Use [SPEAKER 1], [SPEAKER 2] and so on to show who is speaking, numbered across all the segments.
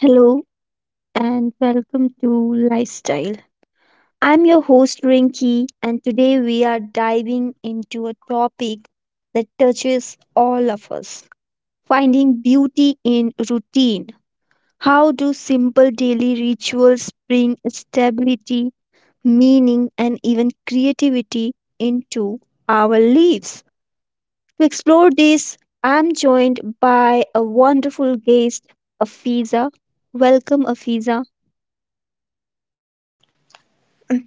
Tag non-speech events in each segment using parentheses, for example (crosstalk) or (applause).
[SPEAKER 1] Hello and welcome to Lifestyle. I'm your host Rinki and today we are diving into a topic that touches all of us. Finding beauty in routine. How do simple daily rituals bring stability, meaning and even creativity into our lives? To explore this, I'm joined by a wonderful guest, Afiza. Welcome Afiza.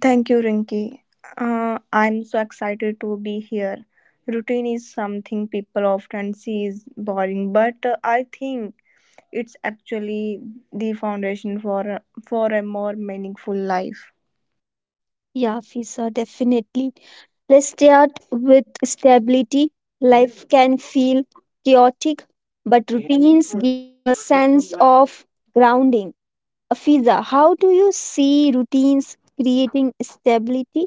[SPEAKER 2] Thank you, Rinki. I'm so excited to be here. Routine is something people often see is boring, but I think it's actually the foundation for a more meaningful life.
[SPEAKER 1] Yeah, Fisa, definitely. Let's start with stability. Life can feel chaotic, but routines give a sense of grounding. Fiza, how do you see routines creating stability?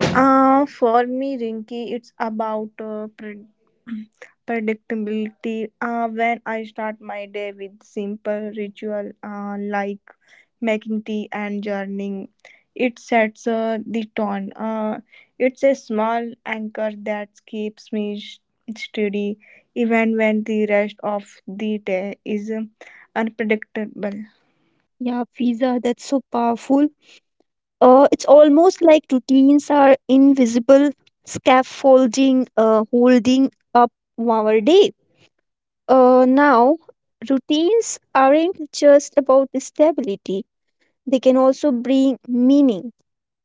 [SPEAKER 2] For me, Rinki, it's about (clears throat) predictability. When I start my day with simple ritual like making tea and journeying. It sets the tone. It's a small anchor that keeps me steady even when the rest of the day is unpredictable.
[SPEAKER 1] Yeah, Fiza, that's so powerful. It's almost like routines are invisible scaffolding, holding up our day. Now, routines aren't just about stability. They can also bring meaning.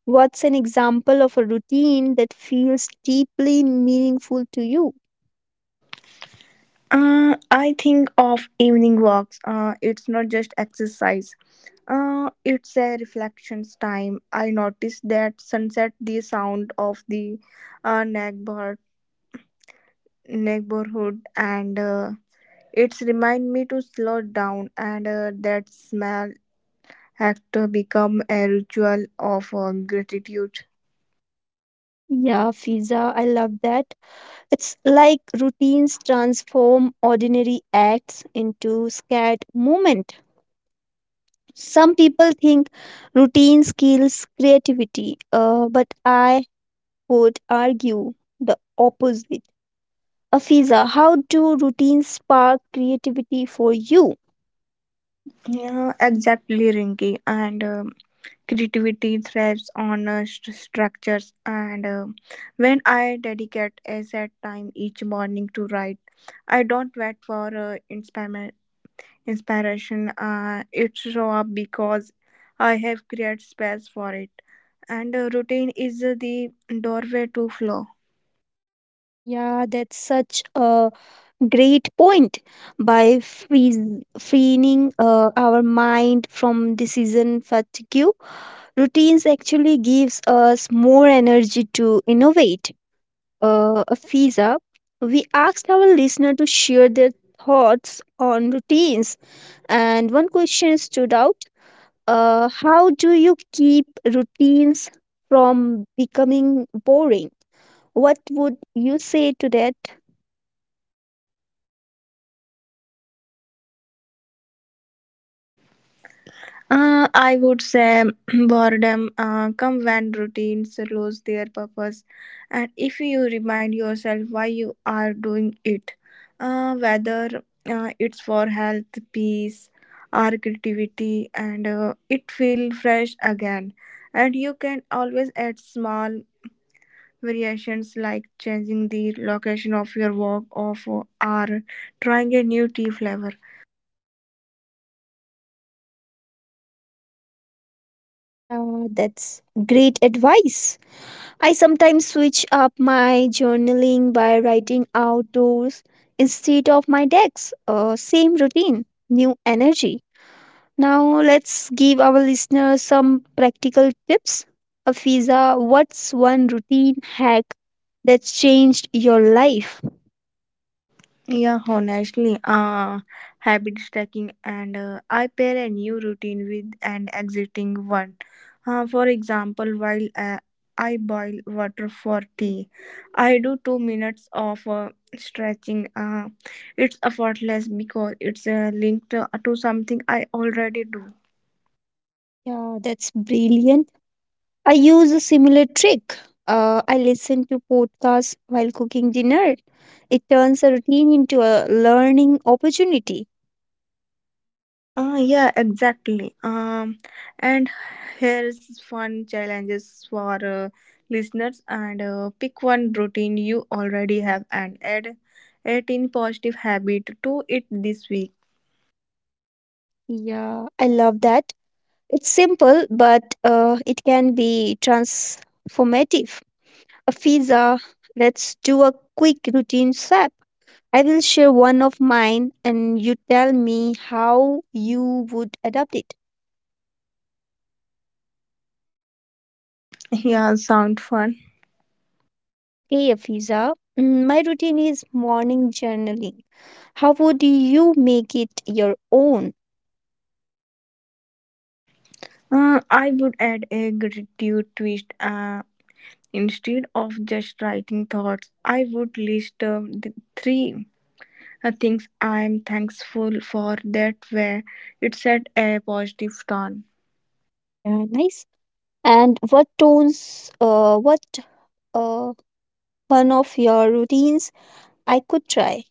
[SPEAKER 1] What's an example of a routine that feels deeply meaningful to you?
[SPEAKER 2] I think of evening walks. It's not just exercise. It's a reflections time. I notice that sunset, the sound of the uh, neighbor neighborhood, and It's remind me to slow down, and that small act become a ritual of gratitude.
[SPEAKER 1] Yeah, Fiza, I love that. It's like routines transform ordinary acts into scared movement. Some people think routines kills creativity, but I would argue the opposite. Afiza, how do routines spark creativity for you?
[SPEAKER 2] Yeah, exactly, Rinky. And Creativity thrives on structures. And When I dedicate a set time each morning to write, I don't wait for inspiration. It show up because I have created space for it. And routine is the doorway to flow.
[SPEAKER 1] Yeah, that's such a great point. By freeing our mind from decision fatigue, routines actually gives us more energy to innovate. Fiza, we asked our listener to share their thoughts on routines, and one question stood out: how do you keep routines from becoming boring? What would you say to that?
[SPEAKER 2] I would say (clears throat) boredom come when routines lose their purpose, and if you remind yourself why you are doing it, whether it's for health, peace, or creativity, and it feel fresh again. And you can always add small variations like changing the location of your walk, of or trying a new tea flavor.
[SPEAKER 1] Yeah, that's great advice. I sometimes switch up my journaling by writing outdoors instead of my decks. Same routine, new energy. Now let's give our listeners some practical tips. Afiza, what's one routine hack that's changed your life?
[SPEAKER 2] Yeah, honestly, habit stacking and I pair a new routine with an existing one. For example, while I boil water for tea, I do 2 minutes of stretching. It's effortless because it's linked to something I already do.
[SPEAKER 1] Yeah, that's brilliant. I use a similar trick. I listen to podcasts while cooking dinner. It turns a routine into a learning opportunity.
[SPEAKER 2] Yeah, exactly. And here's fun challenges for listeners. And Pick one routine you already have and add 18 positive habit to it this week.
[SPEAKER 1] Yeah, I love that. It's simple, but it can be transformative. A pizza, let's do a quick routine swap. I will share one of mine and you tell me how you would adapt it.
[SPEAKER 2] (laughs) Yeah, sound fun.
[SPEAKER 1] Okay, Afiza. My routine is morning journaling. How would you make it your own?
[SPEAKER 2] I would add a gratitude twist. Instead of just writing thoughts, I would list the three things I'm thankful for. That way, it set a positive tone.
[SPEAKER 1] Yeah, nice. And what tones, what uh, one of your routines I could try?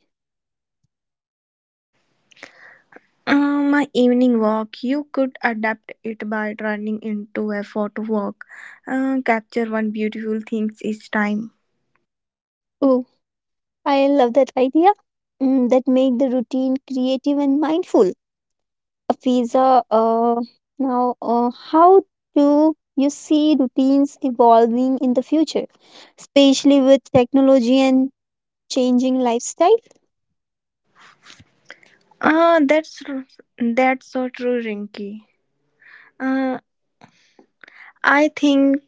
[SPEAKER 2] My evening walk, you could adapt it by turning into a photo walk. Capture one beautiful things each time.
[SPEAKER 1] Oh, I love that idea. Mm, that make the routine creative and mindful. Afiza, now how do you see routines evolving in the future, especially with technology and changing lifestyle?
[SPEAKER 2] Uh, that's r- that's so true, Rinky. Uh, I think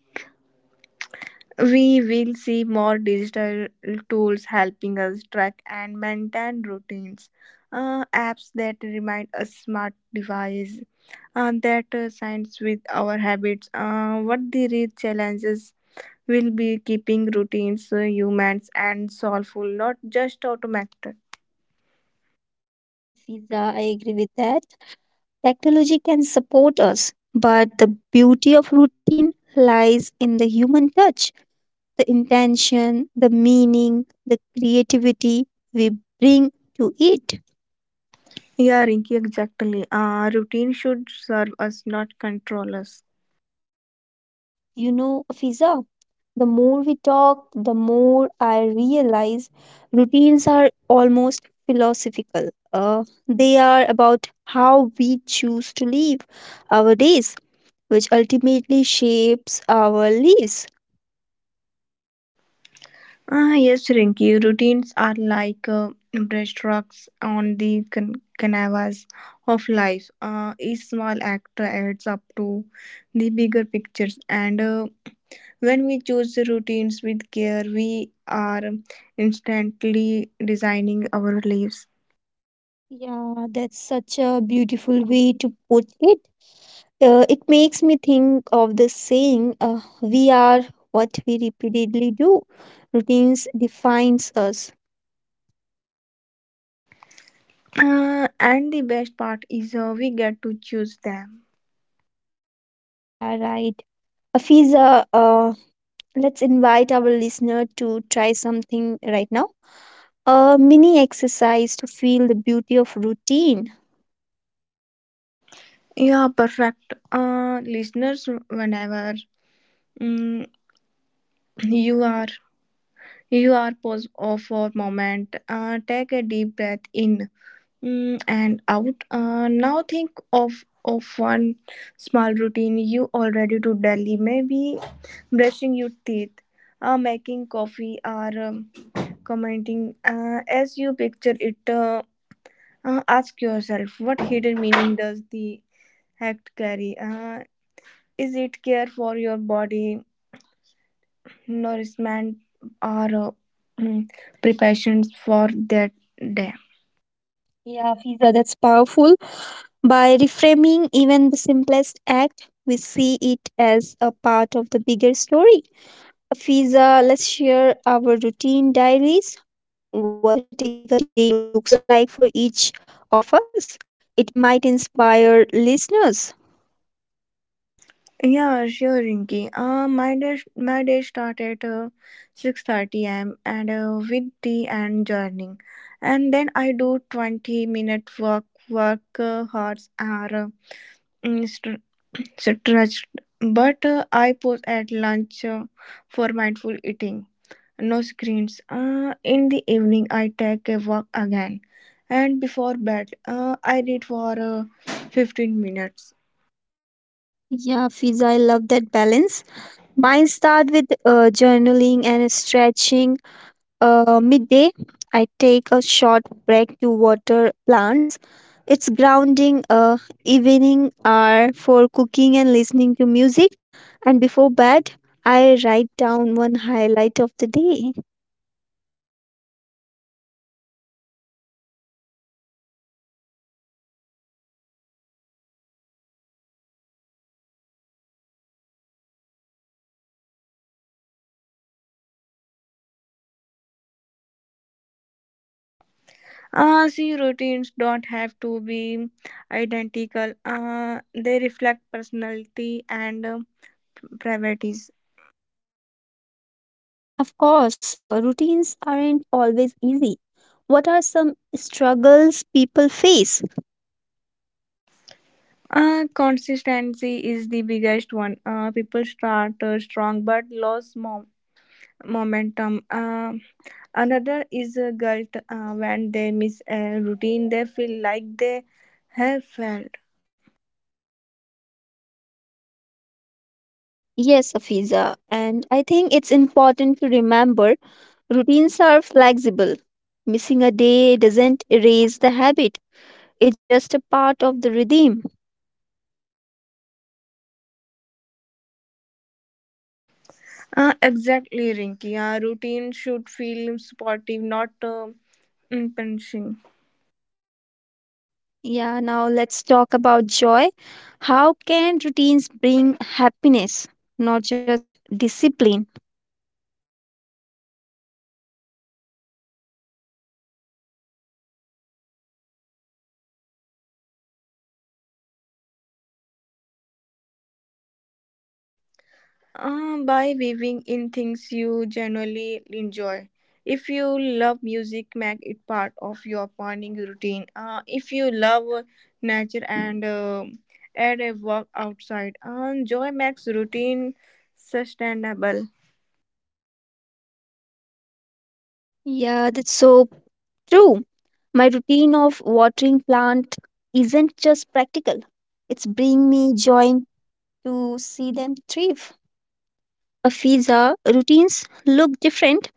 [SPEAKER 2] we will see more digital tools helping us track and maintain routines. Apps that remind us smart devices that signs with our habits. What the real challenges will be keeping routines humans and soulful, not just automated.
[SPEAKER 1] Yeah, Fiza, I agree with that. Technology can support us, but the beauty of routine lies in the human touch, the intention, the meaning, the creativity we bring to it.
[SPEAKER 2] Yeah, Rinky, exactly. Routine should serve us, not control us.
[SPEAKER 1] You know, Fiza, the more we talk, the more I realize routines are almost philosophical. They are about how we choose to live our days, which ultimately shapes our lives.
[SPEAKER 2] Ah, yes, Rinky. Routines are like brushstrokes on the canvas of life. Each small act adds up to the bigger pictures, and when we choose the routines with care, we are instantly designing our lives.
[SPEAKER 1] Yeah, that's such a beautiful way to put it. It makes me think of the saying, we are what we repeatedly do. Routines defines us.
[SPEAKER 2] And the best part is we get to choose them.
[SPEAKER 1] Yeah, right. Afiza, let's invite our listener to try something right now. A mini exercise to feel the beauty of routine.
[SPEAKER 2] Yeah, perfect. Listeners, whenever mm, you are you are pause off for a moment, take a deep breath in and out. Now think of one small routine you already do daily. Maybe brushing your teeth, making coffee, or commenting as you picture it. Ask yourself what hidden meaning does the act carry? Is it care for your body, nourishment, or uh, (clears throat) preparations for that day?
[SPEAKER 1] Yeah, Afiza, that's powerful. By reframing even the simplest act, we see it as a part of the bigger story. Fiza, let's share our routine diaries, what a typical day looks like for each of us. It might inspire listeners.
[SPEAKER 2] Yeah, sure, Rinki. My day started 6:30 a.m. and with tea and journaling, and then I do 20 minute work hours are uh, So trust. But I pause at lunch for mindful eating. No screens. In the evening, I take a walk again. And before bed, I read for 15 minutes.
[SPEAKER 1] Yeah, Fiza, I love that balance. Mine start with journaling and stretching midday. I take a short break to water plants. It's grounding. Uh, evening are for cooking and listening to music. And before bed, I write down one highlight of the day.
[SPEAKER 2] See, routines don't have to be identical. They reflect personality and priorities.
[SPEAKER 1] Of course, routines aren't always easy. What are some struggles people face?
[SPEAKER 2] Consistency is the biggest one. People start strong but lose momentum. Um Another is guilt when they miss a routine, they feel like they have failed.
[SPEAKER 1] Yes, Afiza, and I think it's important to remember routines are flexible. Missing a day doesn't erase the habit, it's just a part of the rhythm.
[SPEAKER 2] Exactly, Rinky. A routine should feel supportive, not punishing.
[SPEAKER 1] Yeah, now let's talk about joy. How can routines bring happiness, not just discipline?
[SPEAKER 2] By weaving in things you genuinely enjoy. If you love music, make it part of your morning routine. If you love nature and add a walk outside, joy makes routine sustainable.
[SPEAKER 1] Yeah, that's so true. My routine of watering plant isn't just practical, it's bring me joy to see them thrive. Afiza routines look different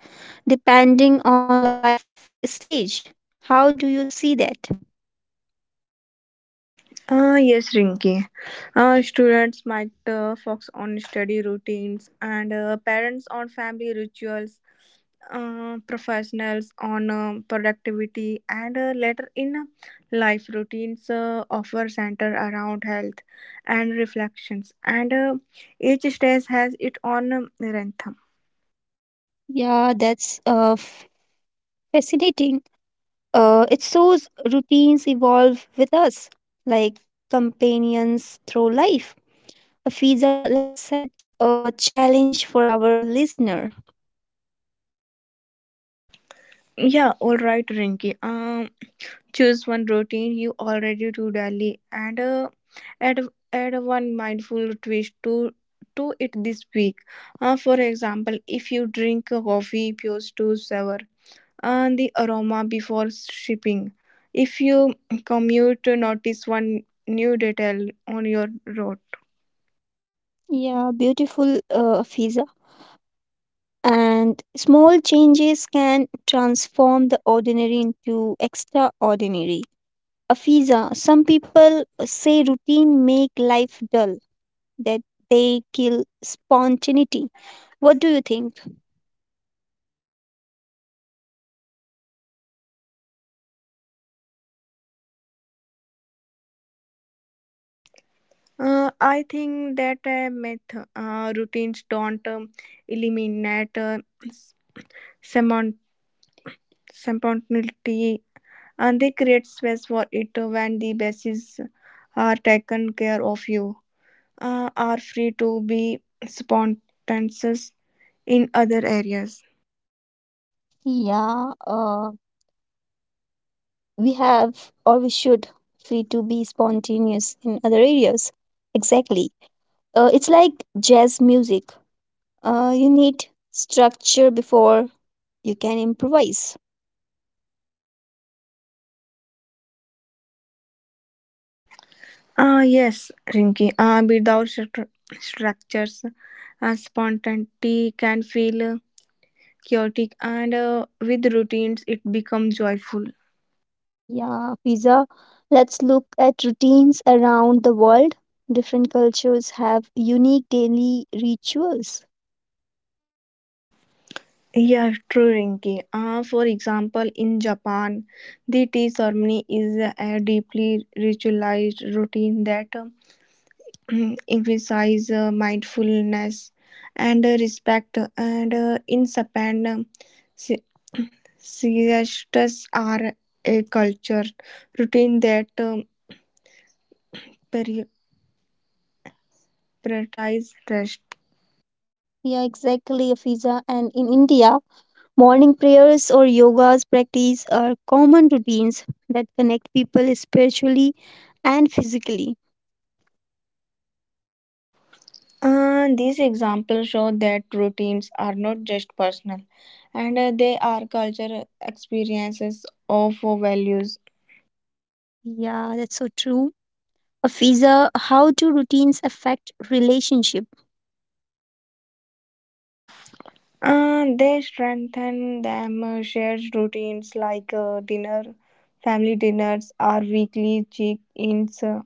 [SPEAKER 1] depending on life stage. How do you see that?
[SPEAKER 2] Ah, yes, Rinki. Students might focus on study routines and parents on family rituals, professionals on productivity, and later in life routines offer center around health and reflections. And each stage has its own rhythm.
[SPEAKER 1] Yeah, that's fascinating. It shows routines evolve with us, like companions through life. Afiza, let's set a challenge for our listener.
[SPEAKER 2] Yeah, all right, Rinki. Choose one routine you already do daily and add add one mindful twist to it this week. For example, if you drink a coffee, choose to savor the aroma before sipping. If you commute, notice one new detail on your road.
[SPEAKER 1] Yeah, beautiful, Afiza. And small changes can transform the ordinary into extraordinary. Afiza, some people say routine make life dull, that they kill spontaneity. What do you think?
[SPEAKER 2] I think that myth. Routines don't eliminate s- semont- spontaneity, and they create space for it. When the bases are taken care of, you are free to be spontaneous in other areas.
[SPEAKER 1] Yeah, uh, we have or we should free to be spontaneous in other areas. Exactly. It's like jazz music. You need structure before you can improvise.
[SPEAKER 2] Yes, Rinky. Without structures, spontaneity can feel chaotic, and with routines it becomes joyful.
[SPEAKER 1] Yeah, Fiza, let's look at routines around the world. Different cultures have unique daily rituals.
[SPEAKER 2] Yeah True, Rinky. Ah, for example, in Japan the tea ceremony is a deeply ritualized routine that (clears throat) emphasize mindfulness and respect, and in Japan siestas are a culture routine that prioritize rest.
[SPEAKER 1] Yeah, exactly, Fiza. And in India, morning prayers or yoga's practice are common routines that connect people spiritually and physically.
[SPEAKER 2] These examples show that routines are not just personal, and they are cultural experiences of values.
[SPEAKER 1] Yeah, that's so true. Fiza, how do routines affect relationship?
[SPEAKER 2] They strengthen them. Shared routines like family dinners or weekly check-ins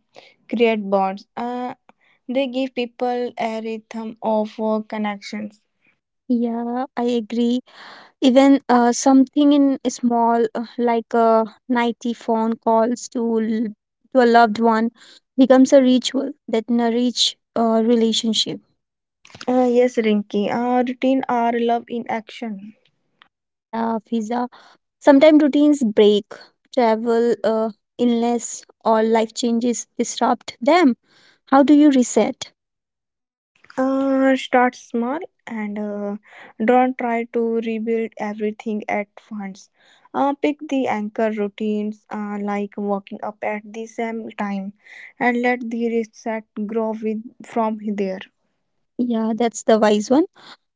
[SPEAKER 2] create bonds. They give people a rhythm of connections.
[SPEAKER 1] Yeah, I agree. Even something in small, like a nighty phone calls to to a loved one, becomes a ritual that nourish a relationship.
[SPEAKER 2] Yes, Rinky. Routine are love in action.
[SPEAKER 1] Yeah, Fiza. Sometimes routines break, travel, illness, or life changes disrupt them. How do you reset?
[SPEAKER 2] Start small and don't try to rebuild everything at once. Pick the anchor routines like waking up at the same time, and let the reset grow with from there.
[SPEAKER 1] Yeah, that's the wise one.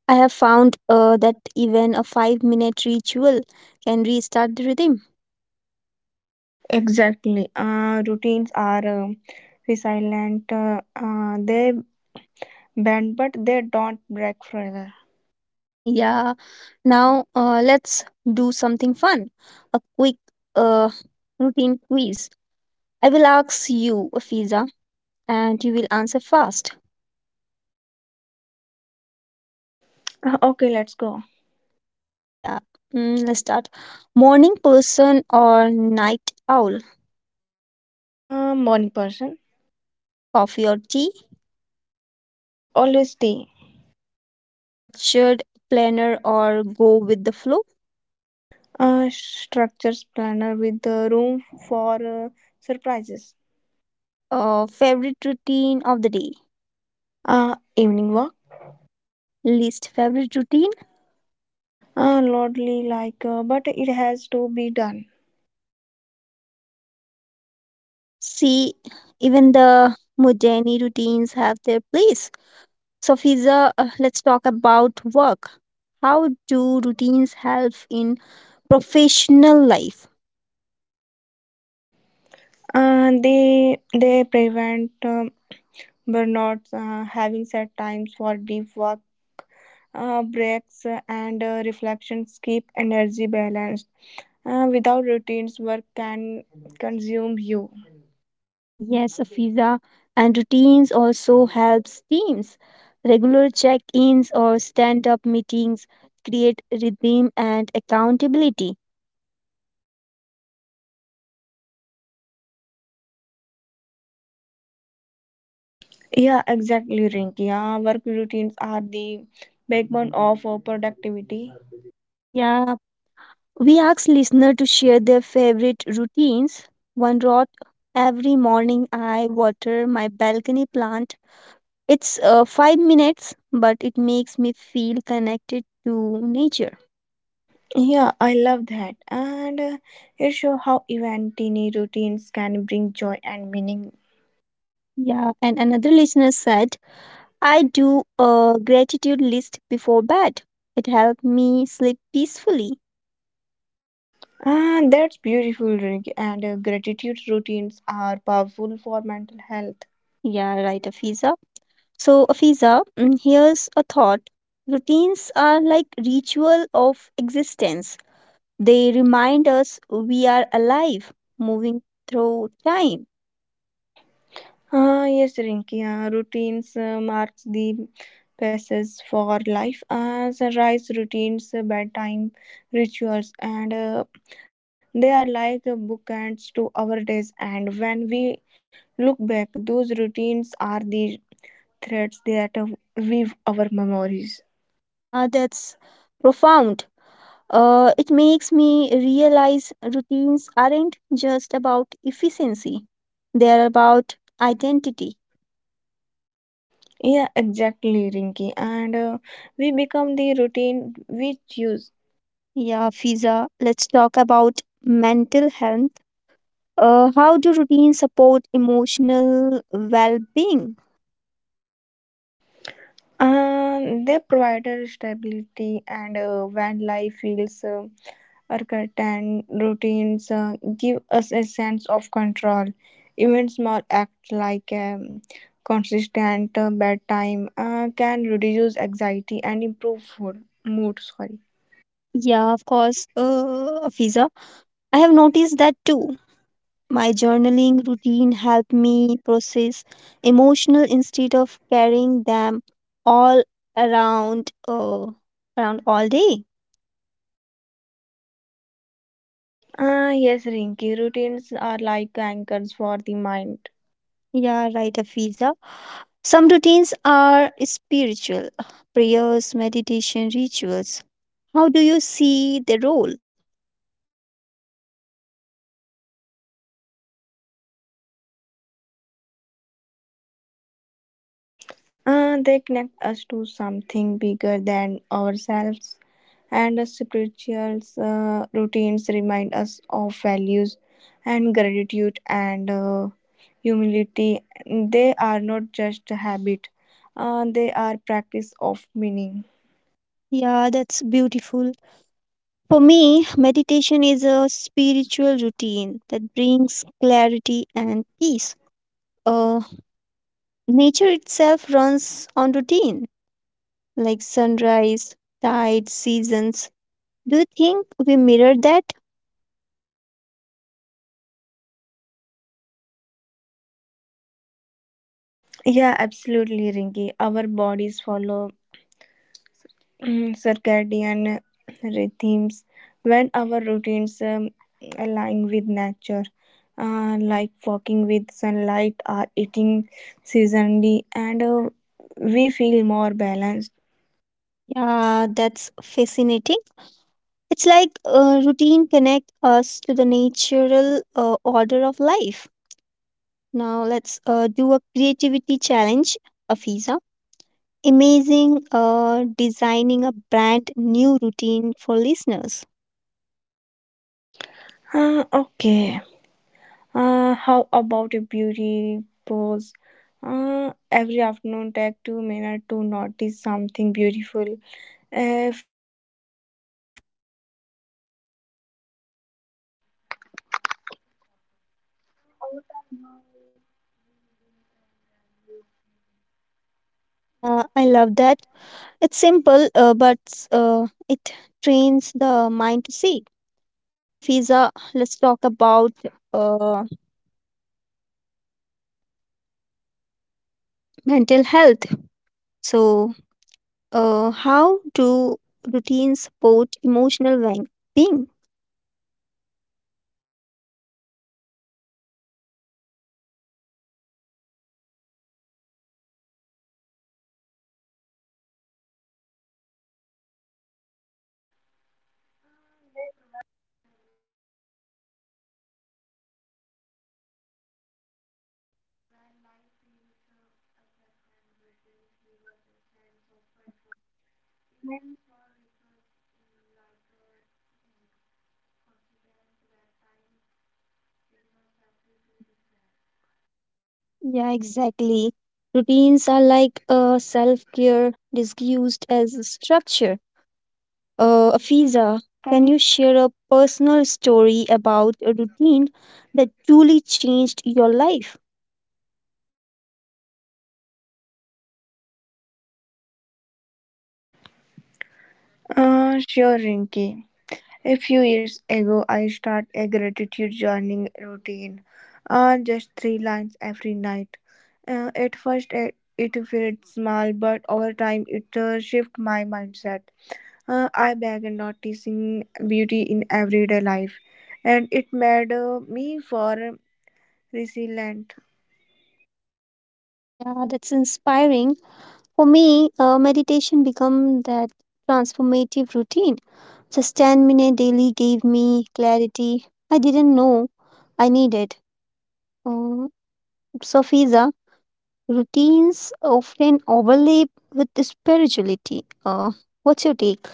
[SPEAKER 1] I have found that even a 5 minute ritual can restart the rhythm.
[SPEAKER 2] Exactly. Routines are resilient. They bend, but they don't break forever.
[SPEAKER 1] Yeah, Now, let's do something fun. A quick uh, routine quiz. I will ask you a visa, and you will answer fast.
[SPEAKER 2] Okay, let's go.
[SPEAKER 1] Yeah, let's start. Morning person or night owl?
[SPEAKER 2] Morning person.
[SPEAKER 1] Coffee or tea?
[SPEAKER 2] Always stay.
[SPEAKER 1] Structured planner or go with the flow?
[SPEAKER 2] Structures planner with the room for surprises.
[SPEAKER 1] Favorite routine of the day?
[SPEAKER 2] Evening walk.
[SPEAKER 1] Least favorite routine?
[SPEAKER 2] Lordly like, but it has to be done.
[SPEAKER 1] See, even the mundane routines have their place. So, Fiza, let's talk about work. How do routines help in professional life?
[SPEAKER 2] They prevent burnout, having set times for deep work, breaks, and reflections keep energy balanced. Without routines, work can consume you.
[SPEAKER 1] Yes, Fiza, and routines also helps teams. Regular check-ins or stand-up meetings create rhythm and accountability.
[SPEAKER 2] Yeah, exactly, Rinky. Work routines are the backbone of productivity.
[SPEAKER 1] Yeah, we ask listener to share their favorite routines. One rot every morning I water my balcony plant. It's 5 minutes, but it makes me feel connected to nature.
[SPEAKER 2] Yeah, I love that. And it shows how even teeny routines can bring joy and meaning.
[SPEAKER 1] Yeah, and another listener said, I do a gratitude list before bed. It helped me sleep peacefully.
[SPEAKER 2] Ah, that's beautiful, Rinki. And gratitude routines are powerful for mental health.
[SPEAKER 1] Yeah, right, Afiza. So, Afiza, here's a thought. Routines are like ritual of existence. They remind us we are alive, moving through time.
[SPEAKER 2] Ah, yes, Rinki. Routines marks the passes for life. Sunrise routines, bedtime rituals, and they are like bookends to our days. And when we look back, those routines are the threads that weave our memories.
[SPEAKER 1] Yeah, that's profound. It makes me realize routines aren't just about efficiency, they're about identity.
[SPEAKER 2] Yeah, exactly, Rinky. And we become the routine we choose.
[SPEAKER 1] Yeah, Fiza, let's talk about mental health. How do routines support emotional well being?
[SPEAKER 2] And they provide us stability, and when life feels archaic, and routines give us a sense of control. Even small acts like consistent bedtime can reduce anxiety and improve food, mood. Sorry.
[SPEAKER 1] Yeah, of course, Fiza. I have noticed that too. My journaling routine helped me process emotional instead of carrying them all around all day.
[SPEAKER 2] Ah, yes, Rinky. Routines are like anchors for the mind.
[SPEAKER 1] Yeah, right, Afiza. Some routines are spiritual, prayers, meditation, rituals. How do you see the role?
[SPEAKER 2] They connect us to something bigger than ourselves, and the spiritual routines remind us of values and gratitude and humility. They are not just a habit, they are practice of meaning.
[SPEAKER 1] Yeah, that's beautiful. For me, meditation is a spiritual routine that brings clarity and peace. Uh, Nature itself runs on routine, like sunrise, tides, seasons. Do you think we mirror that?
[SPEAKER 2] Yeah, absolutely, Rinki. Our bodies follow circadian rhythms. When our routines align with nature like walking with sunlight or eating seasonally, and we feel more balanced.
[SPEAKER 1] Yeah, that's fascinating. It's like routine connect us to the natural order of life. Now let's do a creativity challenge, Afiza. Amazing designing a brand new routine for listeners.
[SPEAKER 2] Okay. How about a beauty pose? Every afternoon take 2 minutes to notice something beautiful. uh,
[SPEAKER 1] Yeah, I love that. It's simple, but it trains the mind to see. So, Fiza, let's talk about uh, mental health. So, how do routines support emotional well being? Yeah, exactly. Routines are like self care disguised as a structure. Afiza, can you share a personal story about a routine that truly changed your life?
[SPEAKER 2] Sure, Rinky. A few years ago, I started a gratitude journaling routine. Just three lines every night. At first, it felt small, but over time, it shifted my mindset. I began noticing beauty in everyday life, and it made me for resilient.
[SPEAKER 1] Yeah, that's inspiring. For me, meditation became that transformative routine. Just 10-minute daily gave me clarity I didn't know I needed. Um, so, Fiza, routines often overlap with the spirituality. What's your take?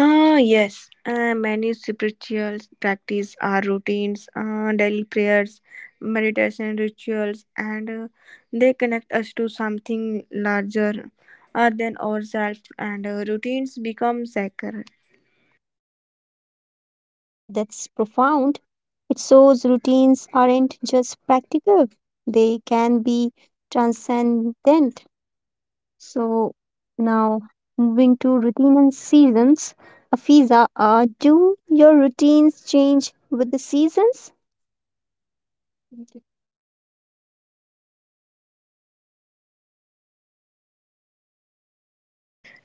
[SPEAKER 2] Ah, yes. Many spiritual practice are routines, daily prayers, meditation rituals, and they connect us to something larger than ourselves. And routines become sacred.
[SPEAKER 1] Yeah, that's profound. It shows routines aren't just practical, they can be transcendent. So, now moving to routine and seasons. Afiza, do your routines change with the seasons?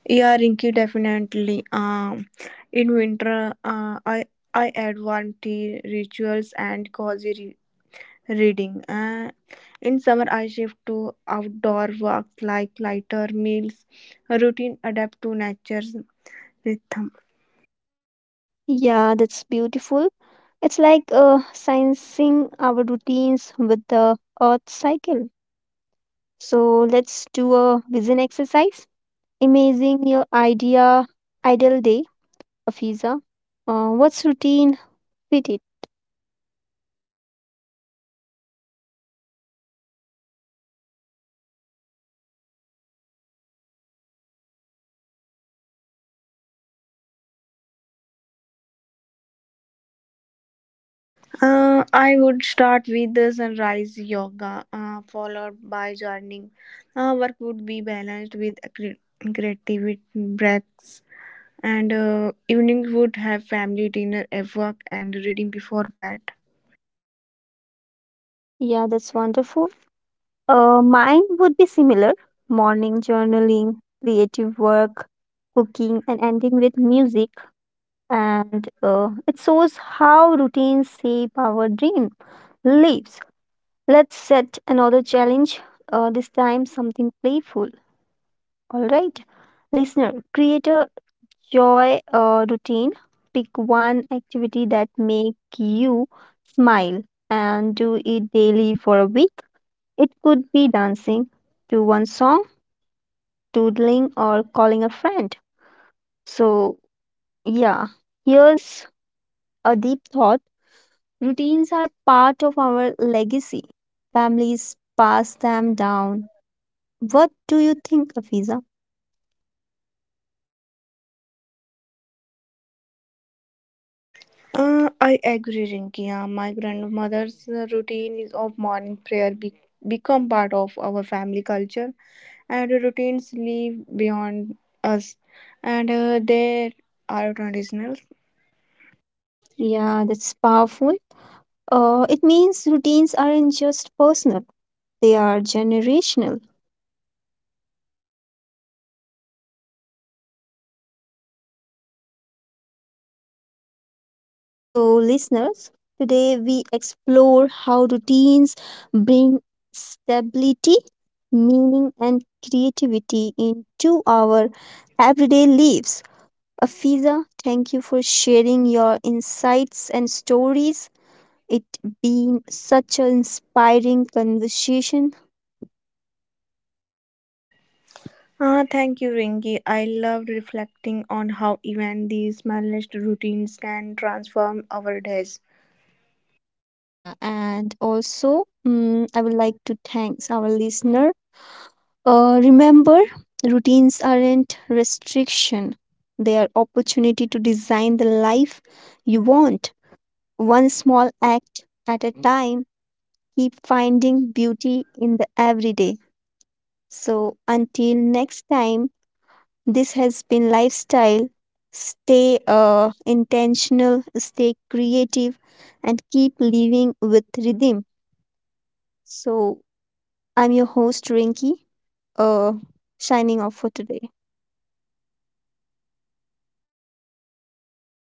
[SPEAKER 2] Yeah, Rinky, definitely. In winter, I add one tea rituals and cozy reading. In summer, I shift to outdoor walks like lighter meals, a routine adapt to nature's rhythm.
[SPEAKER 1] Yeah, that's beautiful. It's like sensing our routines with the earth cycle. So let's do a vision exercise. Imagine your ideal day, Afiza. What's routine fit it?
[SPEAKER 2] I would start with the sunrise yoga, followed by journaling. Work would be balanced with creativity breaks, and evenings would have family dinner, a work, and reading before bed.
[SPEAKER 1] Yeah, that's wonderful. Mine would be similar: morning journaling, creative work, cooking, and ending with music. And it shows how routines shape our dream lives. Let's set another challenge. This time something playful. All right listener, create a joy routine, pick one activity that make you smile and do it daily for a week. It could be dancing to one song, doodling or calling a friend. So yeah, here's a deep thought: routines are part of our legacy, families pass them down. What do you think, Afiza?
[SPEAKER 2] I agree, Rinki. My grandmother's routine is of morning prayer become part of our family culture. And routines live beyond us, and there are traditionals.
[SPEAKER 1] Yeah, that's powerful. It means routines aren't just personal, they are generational. So, listeners, today we explore how routines bring stability, meaning, and creativity into our everyday lives. Afiza, thank you for sharing your insights and stories. It been such an inspiring conversation.
[SPEAKER 2] Ah, thank you, Ringy. I loved reflecting on how even these smallest routines can transform our days.
[SPEAKER 1] Yeah, and also, I would like to thank our listener. Remember, routines aren't restriction, they are opportunity to design the life you want. One small act at a time, keep finding beauty in the everyday. So, until next time, this has been Lifestyle. Stay intentional, stay creative, and keep living with rhythm. So, I'm your host, Rinki. uh, Signing off for today.